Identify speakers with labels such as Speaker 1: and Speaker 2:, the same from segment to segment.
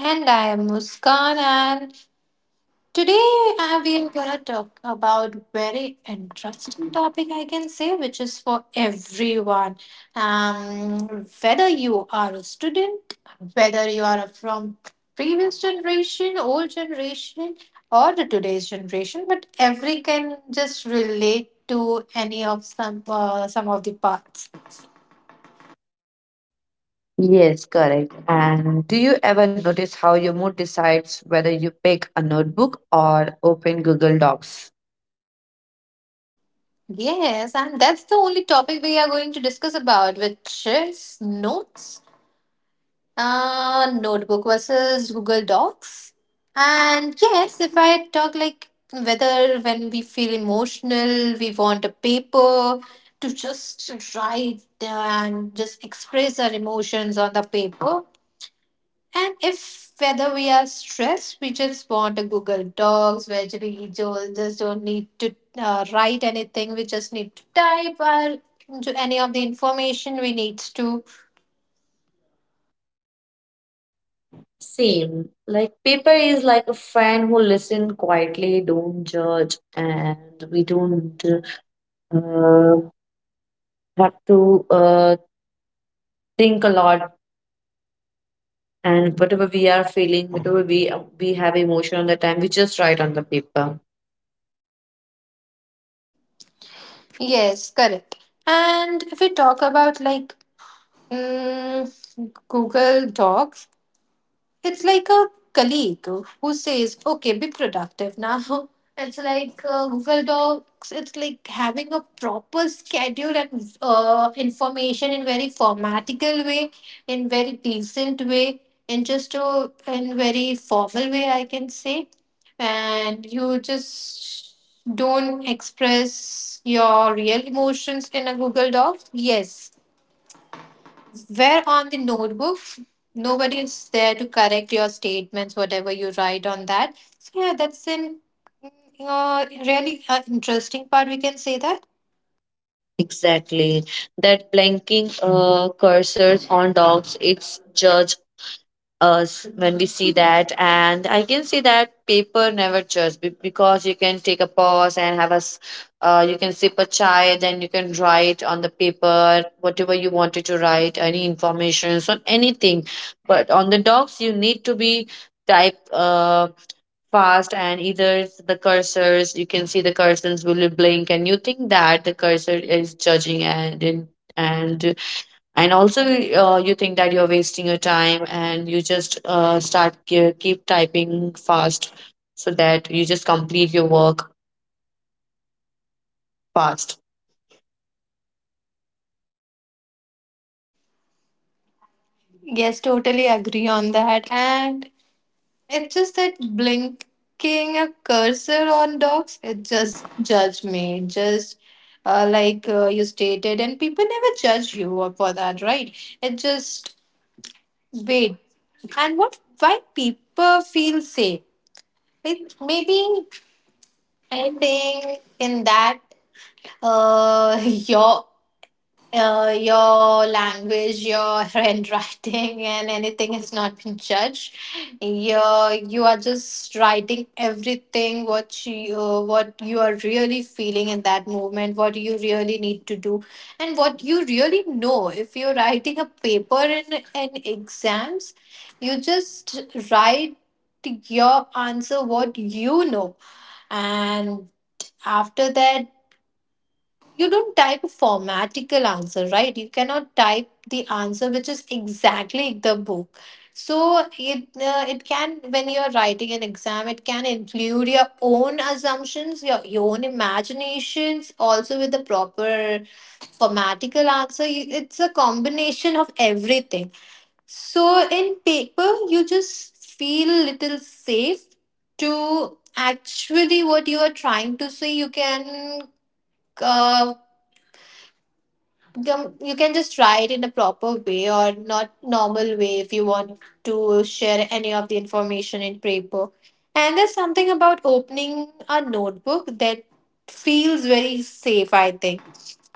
Speaker 1: And I am Muskan, and today we are gonna talk about very interesting topic I can say, which is for everyone. Whether you are a student, whether you are from previous generation, old generation, or the today's generation, but every can just relate to any of some of the parts.
Speaker 2: Yes, correct. And do you ever notice how your mood decides whether you pick a notebook or open Google Docs?
Speaker 1: Yes, and that's the only topic we are going to discuss about, which is notes. Notebook versus Google Docs. And yes, if I talk like whether when we feel emotional, we want a paper to just write and just express our emotions on the paper. And if whether we are stressed, we just want a Google Docs where we just don't need to write anything. We just need to type our, into any of the information we need to.
Speaker 2: Same. Like, paper is like a friend who listen quietly, don't judge, and we don't uh, have to uh, think a lot. And whatever we are feeling, whatever we have emotion on the time, we just write on the paper.
Speaker 1: Yes, correct. And if we talk about like Google Docs, it's like a colleague who says, okay, be productive now. It's like Google Docs. It's like having a proper schedule and information in very formatical way, in very decent way, in just a in very formal way, I can say. And you just don't express your real emotions in a Google Doc. Yes, where on the notebook, nobody is there to correct your statements, whatever you write on that. So yeah, that's an mm, really interesting part, we can say that.
Speaker 2: Exactly. That blinking cursors on dogs, it's judge us when we see that. And I can see that paper never judge because you can take a pause and have you can sip a chai, then you can write on the paper whatever you wanted to write, any information, so anything. But on the dogs, you need to be type. Fast and either the cursors, you can see the cursors will blink and you think that the cursor is judging, and in and and also you think that you're wasting your time and you just start keep typing fast so that you just complete your work fast.
Speaker 1: Yes, totally agree on that. And it's just that blinking a cursor on dogs, it just judge me. Just like you stated, and people never judge you for that, right? It just wait. And what why people feel safe? It maybe I think in that uh, your your language, your handwriting, and anything has not been judged. You are just writing everything what you are really feeling in that moment, what you really need to do, and what you really know. If you're writing a paper in an exams, you just write your answer what you know and after that, you don't type a formatical answer, right? You cannot type the answer which is exactly the book. So it can when you are writing an exam, it can include your own assumptions, your own imaginations, also with the proper formatical answer. You- It's a combination of everything. So in paper, you just feel little safe to actually what you are trying to say. You can uh, you can just try it in a proper way or not normal way if you want to share any of the information in paper, and there's something about opening a notebook that feels very safe. I think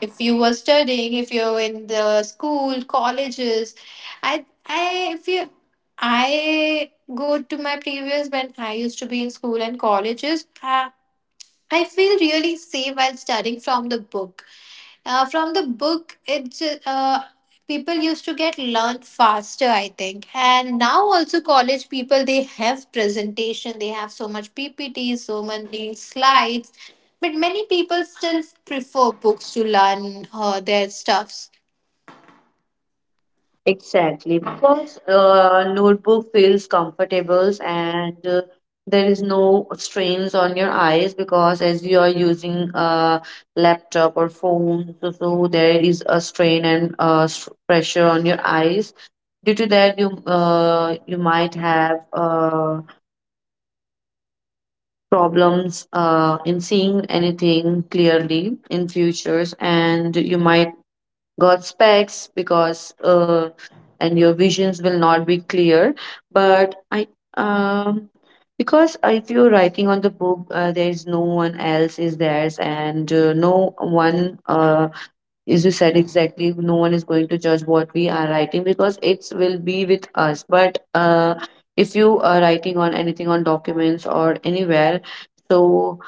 Speaker 1: if you were studying, if you're in the school colleges, I if you I go to my previous when I used to be in school and colleges, I feel really safe while studying from the book, from the book, it's people used to get learned faster, I think. And now also college people they have presentation, they have so much PPTs, so many slides, but many people still prefer books to learn their stuffs.
Speaker 2: Exactly, because notebook feels comfortable, and there is no strains on your eyes because as you are using a laptop or phone, so there is a strain, and pressure on your eyes. Due to that, you you might have problems in seeing anything clearly in futures, and you might got specs, because and your visions will not be clear, but I um because if you're writing on the book, there is no one else is theirs, and no one, as you said exactly, no one is going to judge what we are writing because it will be with us. But if you are writing on anything on documents or anywhere, so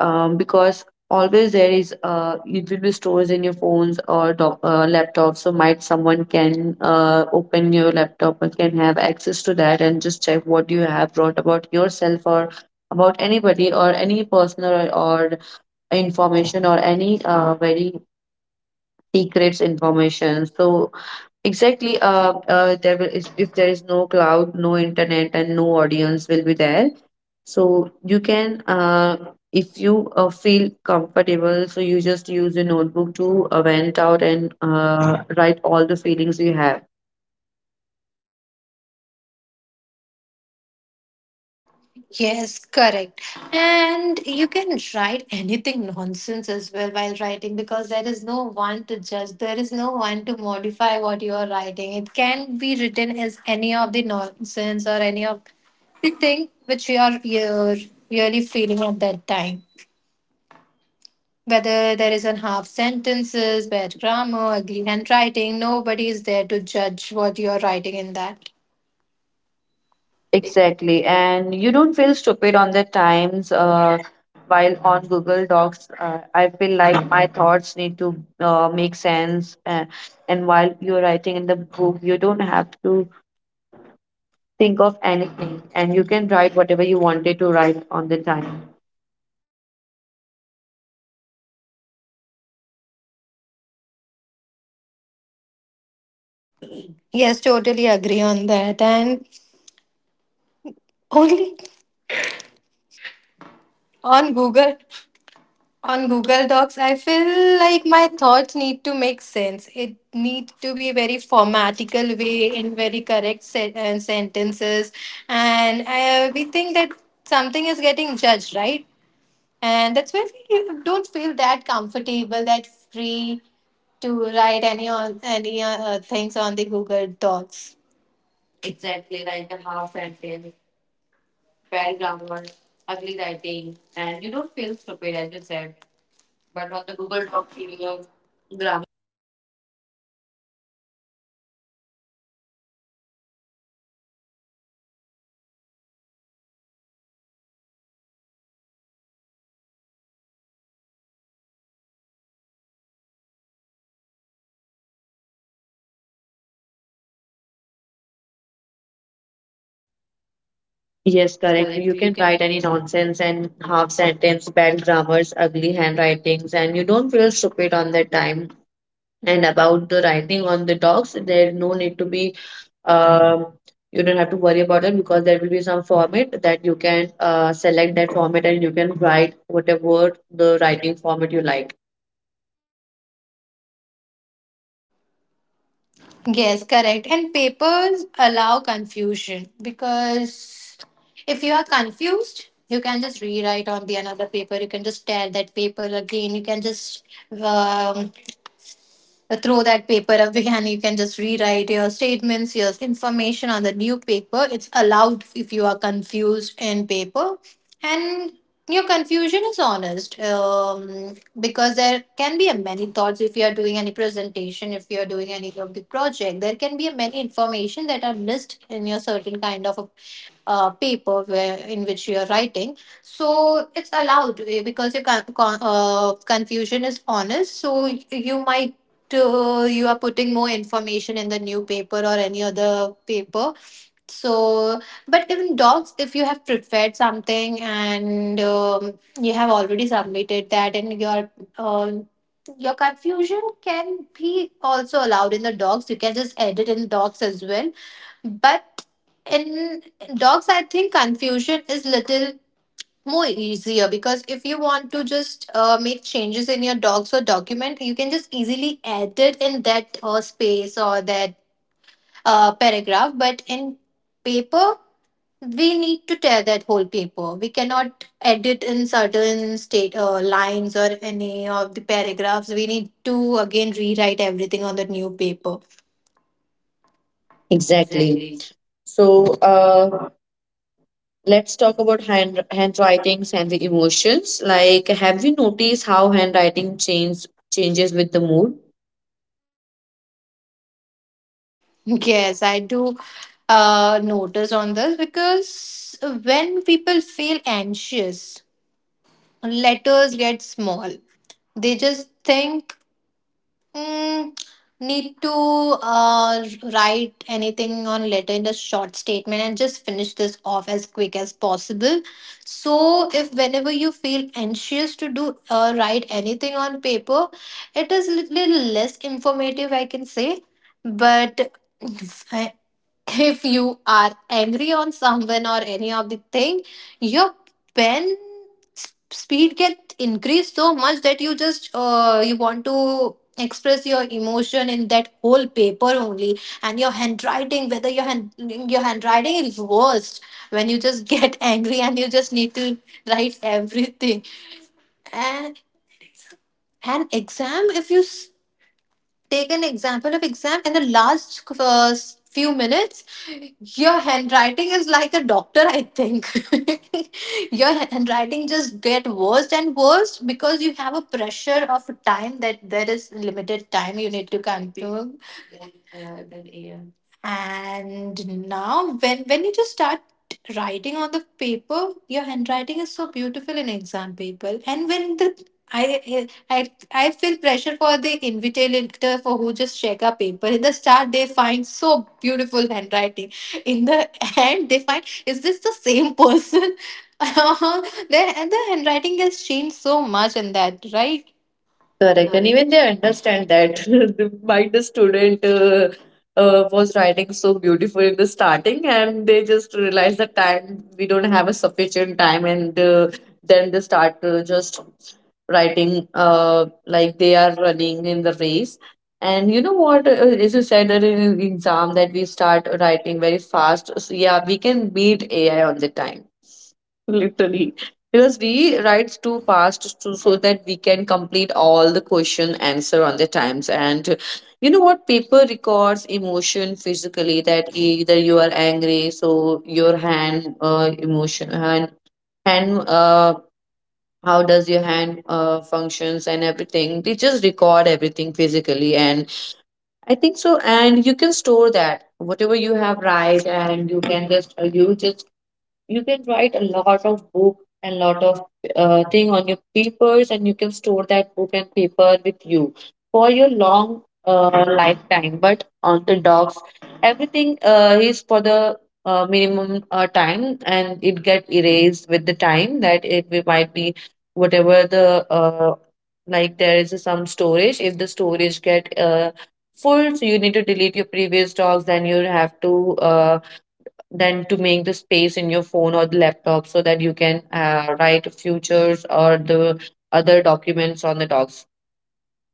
Speaker 2: because always there is, it will be stores in your phones or laptops, so might someone can open your laptop and can have access to that and just check what you have wrote about yourself, or about anybody, or any personal, or information, or any very secrets information. So exactly, there is, if there is no cloud, no internet, and no audience will be there, so you can if you feel comfortable, so you just use a notebook to vent out and write all the feelings you have.
Speaker 1: Yes, correct. And you can write anything nonsense as well while writing because there is no one to judge. There is no one to modify what you are writing. It can be written as any of the nonsense or any of the thing which you're really feeling at that time. Whether there is an half sentences, bad grammar, ugly handwriting, nobody is there to judge what you are writing in that.
Speaker 2: Exactly. And you don't feel stupid on the times while on Google Docs. I feel like my thoughts need to make sense. And while you're writing in the book, you don't have to think of anything, and you can write whatever you wanted to write on the time.
Speaker 1: Yes, totally agree on that. And only on Google On Google Docs, I feel like my thoughts need to make sense. It need to be very formatical way in very correct sentences, and we think that something is getting judged, right? And that's why we don't feel that comfortable, that free to write any on any things on the Google Docs.
Speaker 2: Yes, correct. You can write any nonsense and half sentence, bad grammars, ugly handwritings, and you don't feel stupid on that time. And about the writing on the docs, there's no need to be, um, you don't have to worry about it because there will be some format that you can select that format, and you can write whatever the writing format you like.
Speaker 1: Yes, correct. And papers allow confusion because if you are confused, you can just rewrite on the another paper. You can just tear that paper again. You can just um, throw that paper away, and you can just rewrite your statements, your information on the new paper. It's allowed if you are confused in paper, and your confusion is honest, because there can be a many thoughts if you are doing any presentation, if you are doing any of the project. There can be a many information that are listed in your certain kind of a paper where in which you are writing, so it's allowed, eh, because your confusion is honest, so you might you are putting more information in the new paper or any other paper. So but even dogs, if you have prepared something and you have already submitted that and um your confusion can be also allowed in the dogs. You can just edit in dogs as well, but in dogs, I think confusion is little more easier because if you want to just make changes in your dogs or document, you can just easily add it in that space or that paragraph. But in paper, we need to tear that whole paper. We cannot edit in certain state lines or any of the paragraphs. We need to again rewrite everything on the new paper.
Speaker 2: Exactly. So let's talk about handwritings and the emotions. Like, have you noticed how handwriting changes with the mood?
Speaker 1: Yes, I do notice on this because when people feel anxious, letters get small. They just think, mm, need to write anything on letter in a short statement and just finish this off as quick as possible. So, if whenever you feel anxious to do write anything on paper, it is little less informative, I can say, but if you are angry on someone or any of the thing, your pen speed can increase so much that you want to express your emotion in that whole paper only, and your handwriting, whether your handwriting is worst when you just get angry and you just need to write everything. And an exam, if you take an example of exam, in the last few minutes, your handwriting is like the doctor, I think. Your handwriting just get worse and worse because you have a pressure of time, that there is limited time you need to complete. And now, when you just start writing on the paper, your handwriting is so beautiful in exam paper. And when the I feel pressure for the invigilator for who just check our paper. In the start, they find so beautiful handwriting. In the end, they find, is this the same person? Then and the handwriting has changed so much in that, right?
Speaker 2: Correct. And even they understand that why the student was writing so beautiful in the starting, and they just realize that time we don't have a sufficient time, and then they start just writing like they are running in the race. And you know what, as you said that in an exam that we start writing very fast, so yeah, we can beat AI on the time literally, because we write too fast to, so that we can complete all the question answer on the times. And you know what, paper records emotion physically, that either you are angry so your hand, emotion hand hand how does your hand functions and everything, they just record everything physically. And I think so, and you can store that whatever you have write, and you can just you can write a lot of book and lot of thing on your papers, and you can store that book and paper with you for your long lifetime. But on the dogs, everything is for the minimum time, and it get erased with the time, that it might be whatever the like there is some storage. If the storage get full, so you need to delete your previous dogs, then you have to than to make the space in your phone or the laptop, so that you can write futures or the other documents on the docs.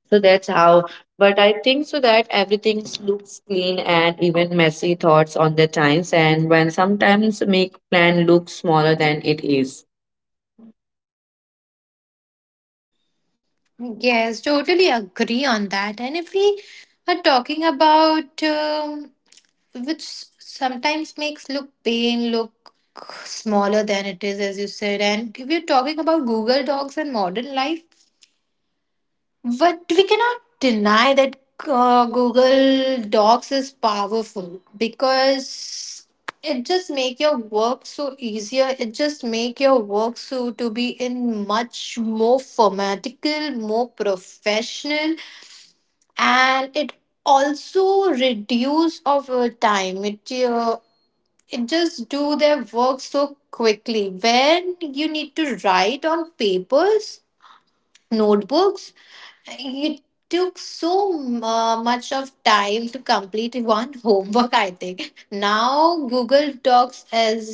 Speaker 2: So that's how. But I think so that everything looks clean and even messy thoughts on the times, and when sometimes make plan look smaller than it is.
Speaker 1: Yes, totally agree on that. And if we are talking about. Which sometimes makes look pain look smaller than it is, as you said, and if you're talking about Google Docs and modern life, but we cannot deny that Google Docs is powerful because it just make your work so easier, it just make your work so to be in much more formatical, more professional, and it also reduce of time. It just do their work so quickly. When you need to write on papers, notebooks, it took so much of time to complete one homework. I think now Google Docs has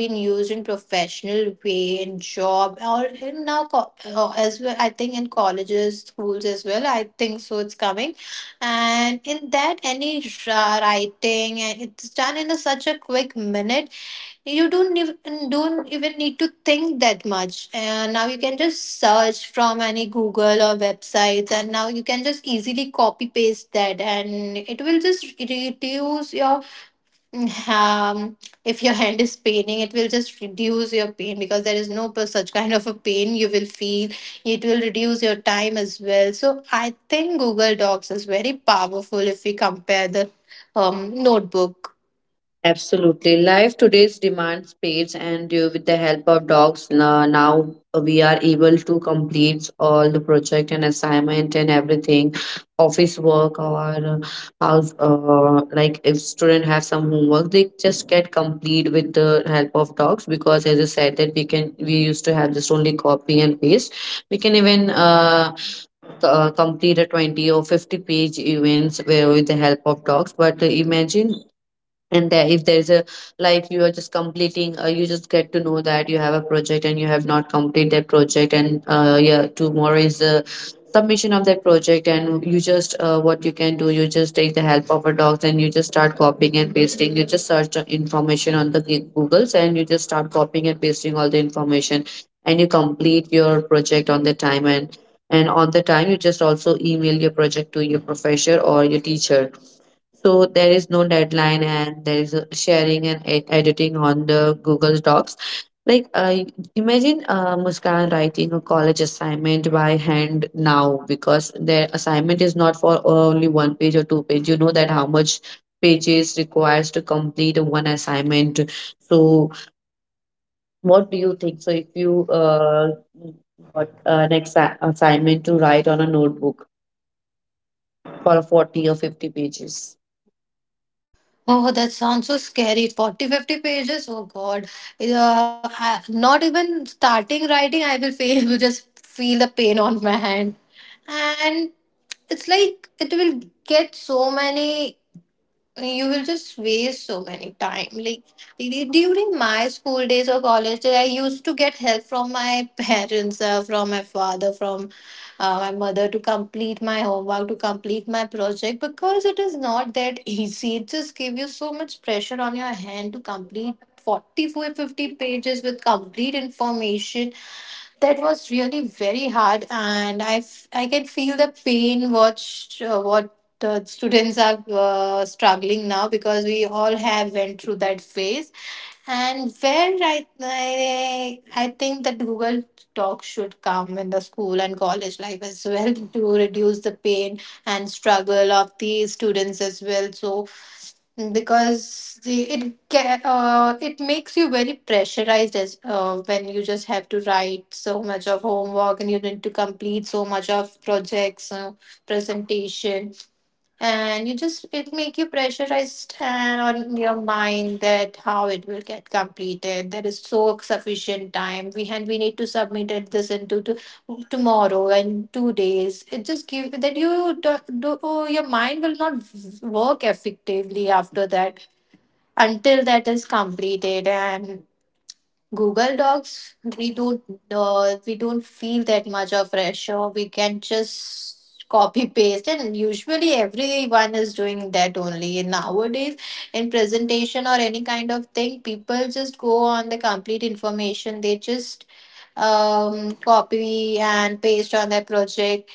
Speaker 1: been used in professional way, in job, or in now as well, I think in colleges, schools as well, I think so it's coming. And in that any writing, and it's done in a, such a quick minute. You don't even need to think that much, and now you can just search from any google or websites, and now you can just easily copy paste that, and it will just reduce your um if your hand is paining, it will just reduce your pain because there is no such kind of a pain you will feel. It will reduce your time as well. So I think Google Docs is very powerful if we compare the notebook.
Speaker 2: Absolutely. Life today's demands space, and with the help of dogs, now we are able to complete all the project and assignment and everything, office work, or house. Like, if student have some homework, they just get complete with the help of dogs, because as I said that we used to have just only copy and paste. We can even complete a 20 or 50-page events where with the help of dogs. But imagine, and there, if there's a, like you are just completing, you just get to know that you have a project and you have not completed that project, and yeah, tomorrow is the submission of that project, and you just what you can do, you just take the help of a docs, and you just start copying and pasting, you just search the information on the googles, and you just start copying and pasting all the information, and you complete your project on the time, and on the time you just also email your project to your professor or your teacher. So there is no deadline, and there is a sharing and editing on the Google Docs. Like, I imagine Muskan writing a college assignment by hand now, because their assignment is not for only one page or two page. You know that how much pages requires to complete one assignment. So what do you think? So if you got an assignment to write on a notebook for 40 or 50 pages.
Speaker 1: Oh, that sounds so scary. 40, 50 pages? Oh, God. I, not even starting writing, I will feel, will just feel the pain on my hand. And it's like it will get so many, you will just waste so many time. Like during my school days or college, days, I used to get help from my parents, from my father, from my mother to complete my homework, to complete my project, because it is not that easy. It just gives you so much pressure on your hand to complete 44 50 pages with complete information. That was really very hard, and I can feel the pain watch what the students are struggling now because we all have went through that phase and where I think that Google Talk should come in the school and college life as well to reduce the pain and struggle of the students as well. So because it makes you very pressurized as when you just have to write so much of homework and you need to complete so much of projects, presentation, and you just it make you pressurized and on your mind that how it will get completed. There is so sufficient time we need to submit it tomorrow and 2 days. It just give that oh, your mind will not work effectively after that until that is completed. And Google Docs, we don't feel that much of pressure. We can just copy paste, and usually everyone is doing that only. Nowadays, in presentation or any kind of thing, people just go on the complete information. They just copy and paste on their project.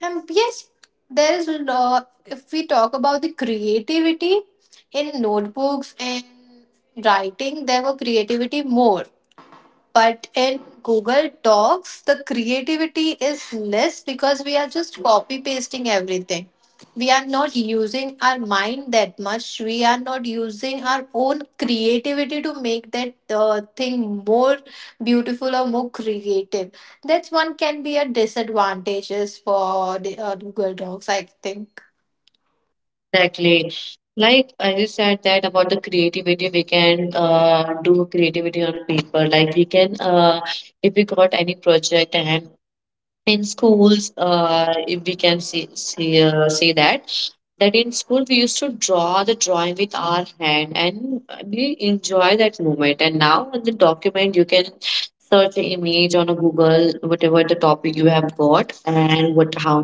Speaker 1: And yes, there is a lot. If we talk about the creativity in notebooks and writing, there were creativity more, but in Google Docs, the creativity is less because we are just copy pasting everything. We are not using our mind that much. We are not using our own creativity to make that thing more beautiful or more creative. That's one can be a disadvantages for the, Google Docs, I think.
Speaker 2: Exactly. Like I just said that about the creativity, we can do creativity on paper. Like we can, if we got any project, and in schools, if we can see say that that in school we used to draw the drawing with our hand, and we enjoy that moment. And now on the document, you can search the image on a google whatever the topic you have got, and what, how,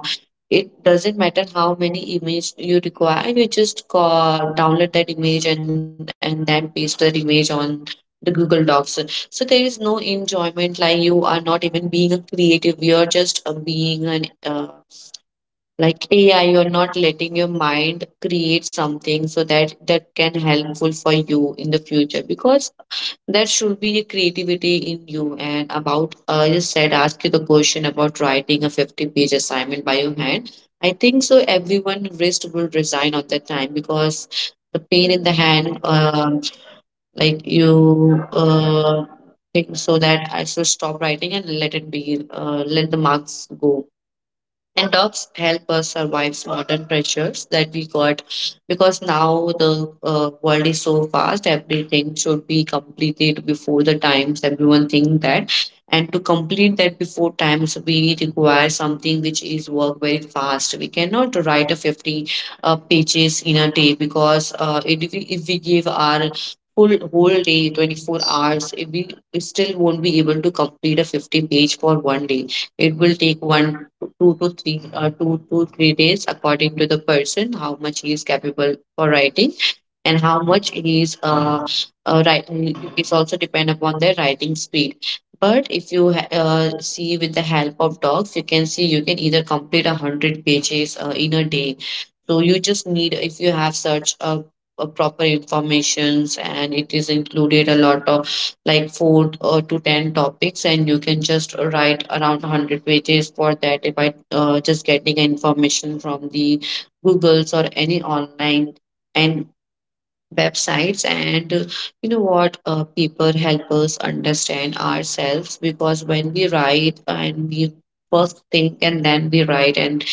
Speaker 2: it doesn't matter how many image you require, you just download that image, and then paste that image on the google docs. So there is no enjoyment, like you are not even being a creative, you are just being an like AI, you're not letting your mind create something so that that can helpful for you in the future, because there should be a creativity in you. And about you said ask you the question about writing a 50-page assignment by your hand, I think so everyone wrist will resign on that time, because the pain in the hand, like you think so that I should stop writing and let it be, let the marks go. And dogs help us survive modern pressures that we got, because now the world is so fast. Everything should be completed before the times. Everyone think that, and to complete that before times, we require something which is work very fast. We cannot write a 50 pages in a day, because if we give our full whole day 24 hours, if we we still won't be able to complete a 50 page for one day. It will take two to three, 2 to 3 days according to the person, how much he is capable for writing, and how much he is write. It's also depend upon their writing speed. But if you see with the help of dogs, you can see you can either complete a hundred pages in a day. So you just need, if you have such a proper informations, and it is included a lot of like four to ten topics, and you can just write around 100 pages for that. If I just getting information from the Google's or any online and websites, and people help us understand ourselves because when we write and we first think and then we write and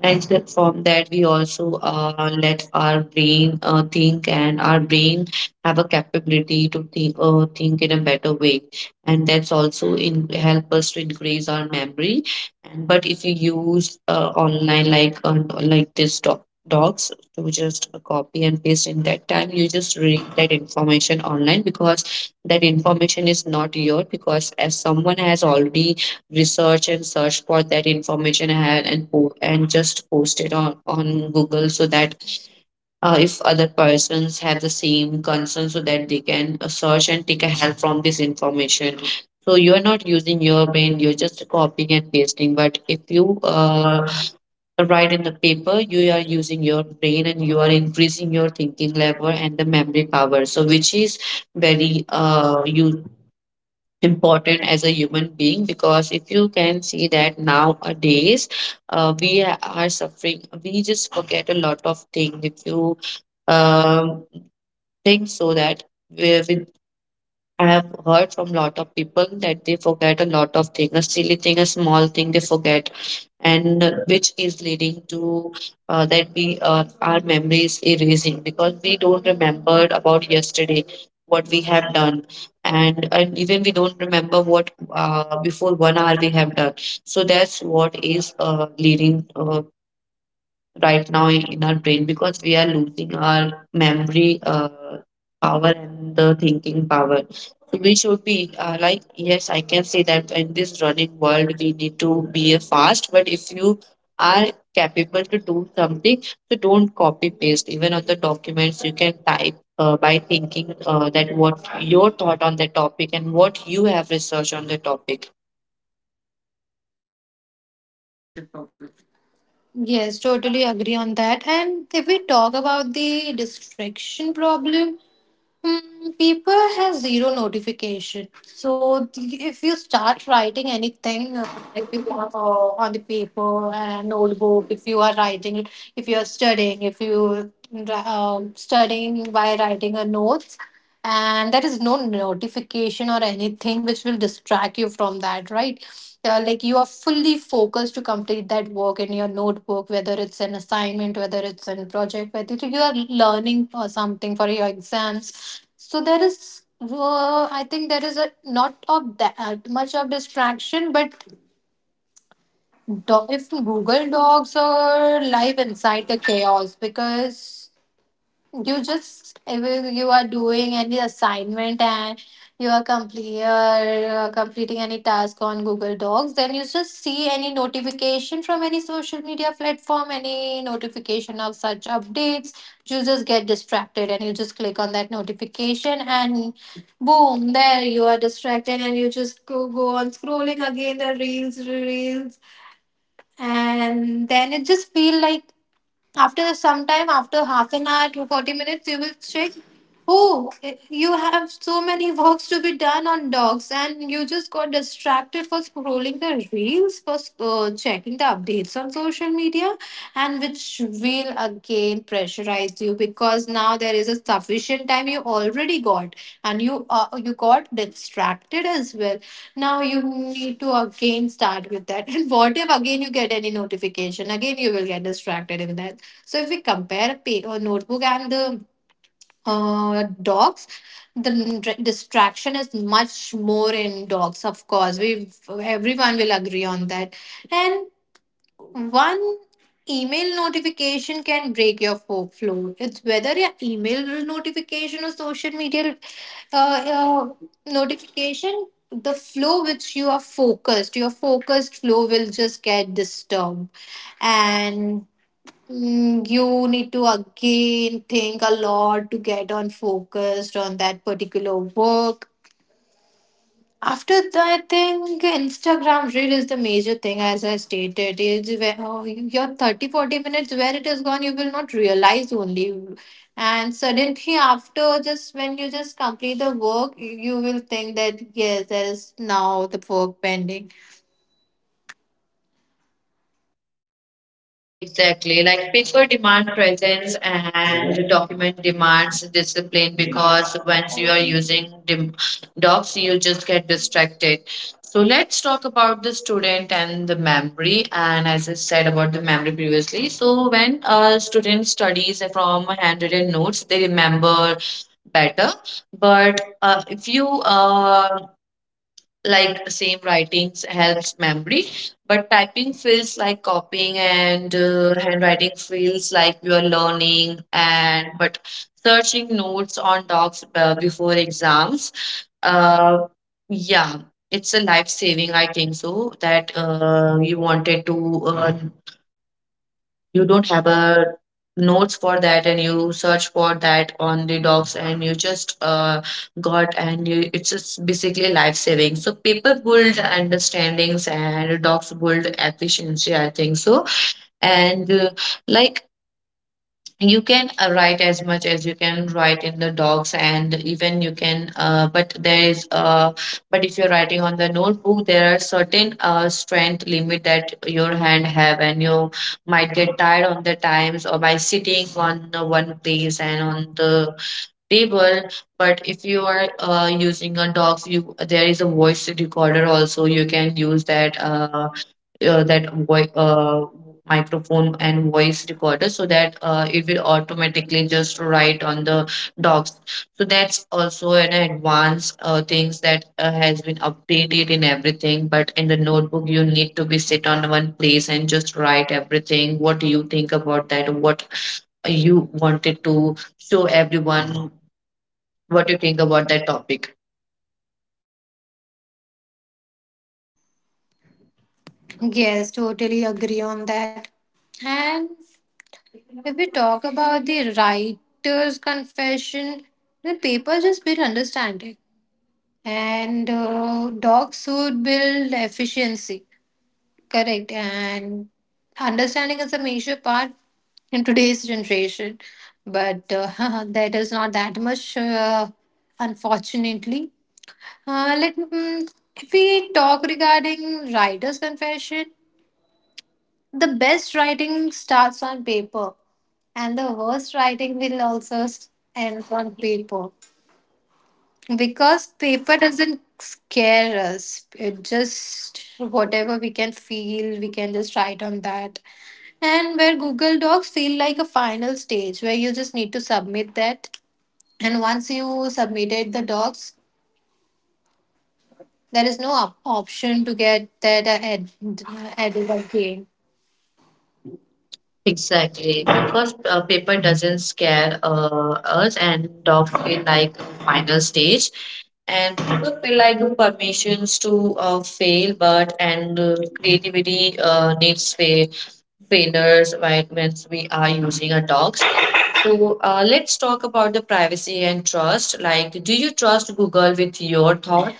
Speaker 2: and from that we also let our brain think, and our brain have a capability to think in a better way, and that's also in help us to increase our memory. And but if you use online like this docs to just copy and paste in that time, you just read that information online because that information is not yours because as someone has already research and search for that information ahead and just post it on Google so that if other persons have the same concern so that they can search and take a help from this information, so you are not using your brain, you're just copying and pasting. But if you write in the paper, you are using your brain and you are increasing your thinking level and the memory power, so which is very you important as a human being. Because if you can see that nowadays we are suffering, we just forget a lot of things. If you um, think so that with, I have heard from lot of people that they forget a lot of things, a silly thing, a small thing they forget, and which is leading to that we our memories erasing because we don't remember about yesterday what we have done, and even we don't remember what before 1 hour we have done. So that's what is leading right now in our brain, because we are losing our memory power and the thinking power. So we should be like, yes, I can say that in this running world, we need to be a fast, but if you are capable to do something, so don't copy paste. Even on the documents, you can type. By thinking that what your thought on the topic and what you have researched on the topic.
Speaker 1: Yes, totally agree on that. And if we talk about the distraction problem, hmm, people have zero notification. So the, if you start writing anything, like if, on the paper, an old book, if you are writing, it, if you are studying, if you studying by writing a notes, and there is no notification or anything which will distract you from that, right? Yeah, like you are fully focused to complete that work in your notebook, whether it's an assignment, whether it's a project, whether you are learning or something for your exams. So there is I think there is a not of that much of distraction, but if Google Dogs are live inside the chaos because you just, if you are doing any assignment and you are complete completing any task on Google Docs, then you just see any notification from any social media platform, any notification of such updates, you just get distracted and you just click on that notification and boom, there you are distracted and you just go on scrolling again the reels. And then it just feel like after some time, after half an hour to 40 minutes, you will check. Oh, you have so many works to be done on dogs, and you just got distracted for scrolling the reels, for checking the updates on social media, and which will again pressurize you because now there is a sufficient time you already got, and you got distracted as well. Now you need to again start with that, and what if again you get any notification? Again, you will get distracted in that. So if we compare a notebook and the dogs, the distraction is much more in dogs. Of course, we everyone will agree on that. And one email notification can break your flow. It's whether your email notification or social media uh, notification. The flow which you are focused, your focused flow will just get disturbed, and mm, you need to again think a lot to get on focused on that particular work. After that, I think Instagram reel is the major thing, as I stated. Is where, oh, your 30, 40 minutes where it is gone, you will not realize only. And suddenly, after just when you just complete the work, you will think that yes, there is now the work pending.
Speaker 2: Exactly. Like people demand presence and document demands discipline because once you are using docs, you just get distracted. So let's talk about the student and the memory. And as I said about the memory previously, so when a student studies from handwritten notes, they remember better. But if you like same writings helps memory but typing feels like copying, and handwriting feels like you are learning. And but searching notes on docs before exams, uh, yeah, it's a life saving, I think so. That you wanted to you don't have a notes for that and you search for that on the docs and you just got, and you, it's just basically life saving. So paper build understandings and docs build efficiency, I think so. And like, you can write as much as you can write in the docs, and even you can but there is but if you're writing on the notebook, there are certain strength limit that your hand have, and you might get tired on the times or by sitting on the one place and on the table. But if you are using a docs, you there is a voice recorder also, you can use that that voi microphone and voice recorder so that it will automatically just write on the docs. So that's also an advanced things that has been updated in everything. But in the notebook, you need to be sit on one place and just write everything. What do you think about that? What you wanted to show everyone? What you think about that topic?
Speaker 1: Yes, totally agree on that. And if we talk about the writer's confession, the paper just build understanding, and dogs would build efficiency. Correct, and understanding is a major part in today's generation, but that is not that much, unfortunately. Uh, let mm, if we talk regarding writer's confession, the best writing starts on paper, and the worst writing will also end on paper, because paper doesn't scare us. It just whatever we can feel, we can just write on that. And where Google Docs feel like a final stage where you just need to submit that, and once you submitted the docs, there is no option to get that added again.
Speaker 2: Exactly, because paper doesn't scare us, and dog feel like a final stage, and book feel like permissions to fail. But and creativity needs failures when we are using a dog. So let's talk about the privacy and trust. Like, do you trust Google with your thoughts?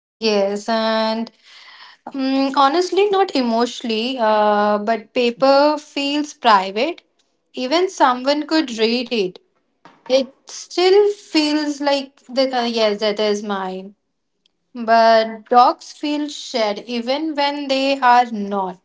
Speaker 1: Yes, and mm, honestly, not emotionally, but paper feels private. Even someone could read it, it still feels like that. Yes, that is mine. But dogs feel shared even when they are not.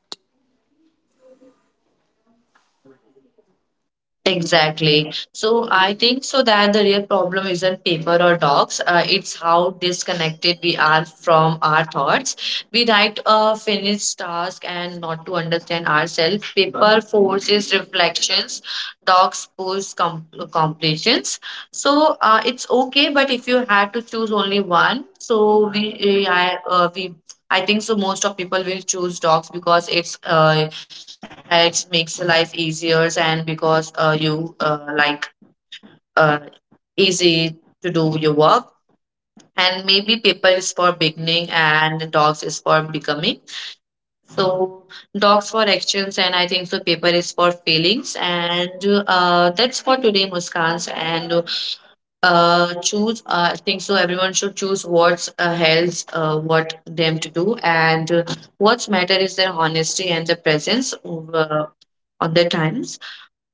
Speaker 2: Exactly. So I think so that the real problem isn't paper or docs. It's how disconnected we are from our thoughts. We write a finished task and not to understand ourselves. Paper forces reflections. Docs push completions. So it's okay, but if you had to choose only one, so we, eh, I, we, I think so. Most of people will choose docs because it's it makes your life easier, and because you like uh, easy to do your work. And maybe paper is for beginning and dogs is for becoming. So dogs for actions, and I think so paper is for feelings. And that's for today, Muskans. And choose I think so everyone should choose what's helps what them to do. And what's matter is their honesty and their presence uh, on their times.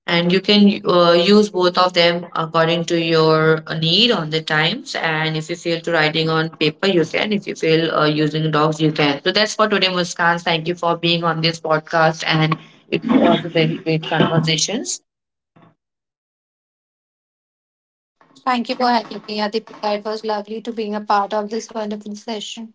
Speaker 2: And you can use both of them according to your need on the times. And if you feel to writing on paper you can, if you feel using dogs you can. So that's for today, Muskan, thank you for being on this podcast, and it was a very great conversations.
Speaker 1: Thank you for having me, Adipika. It was lovely to being a part of this wonderful session.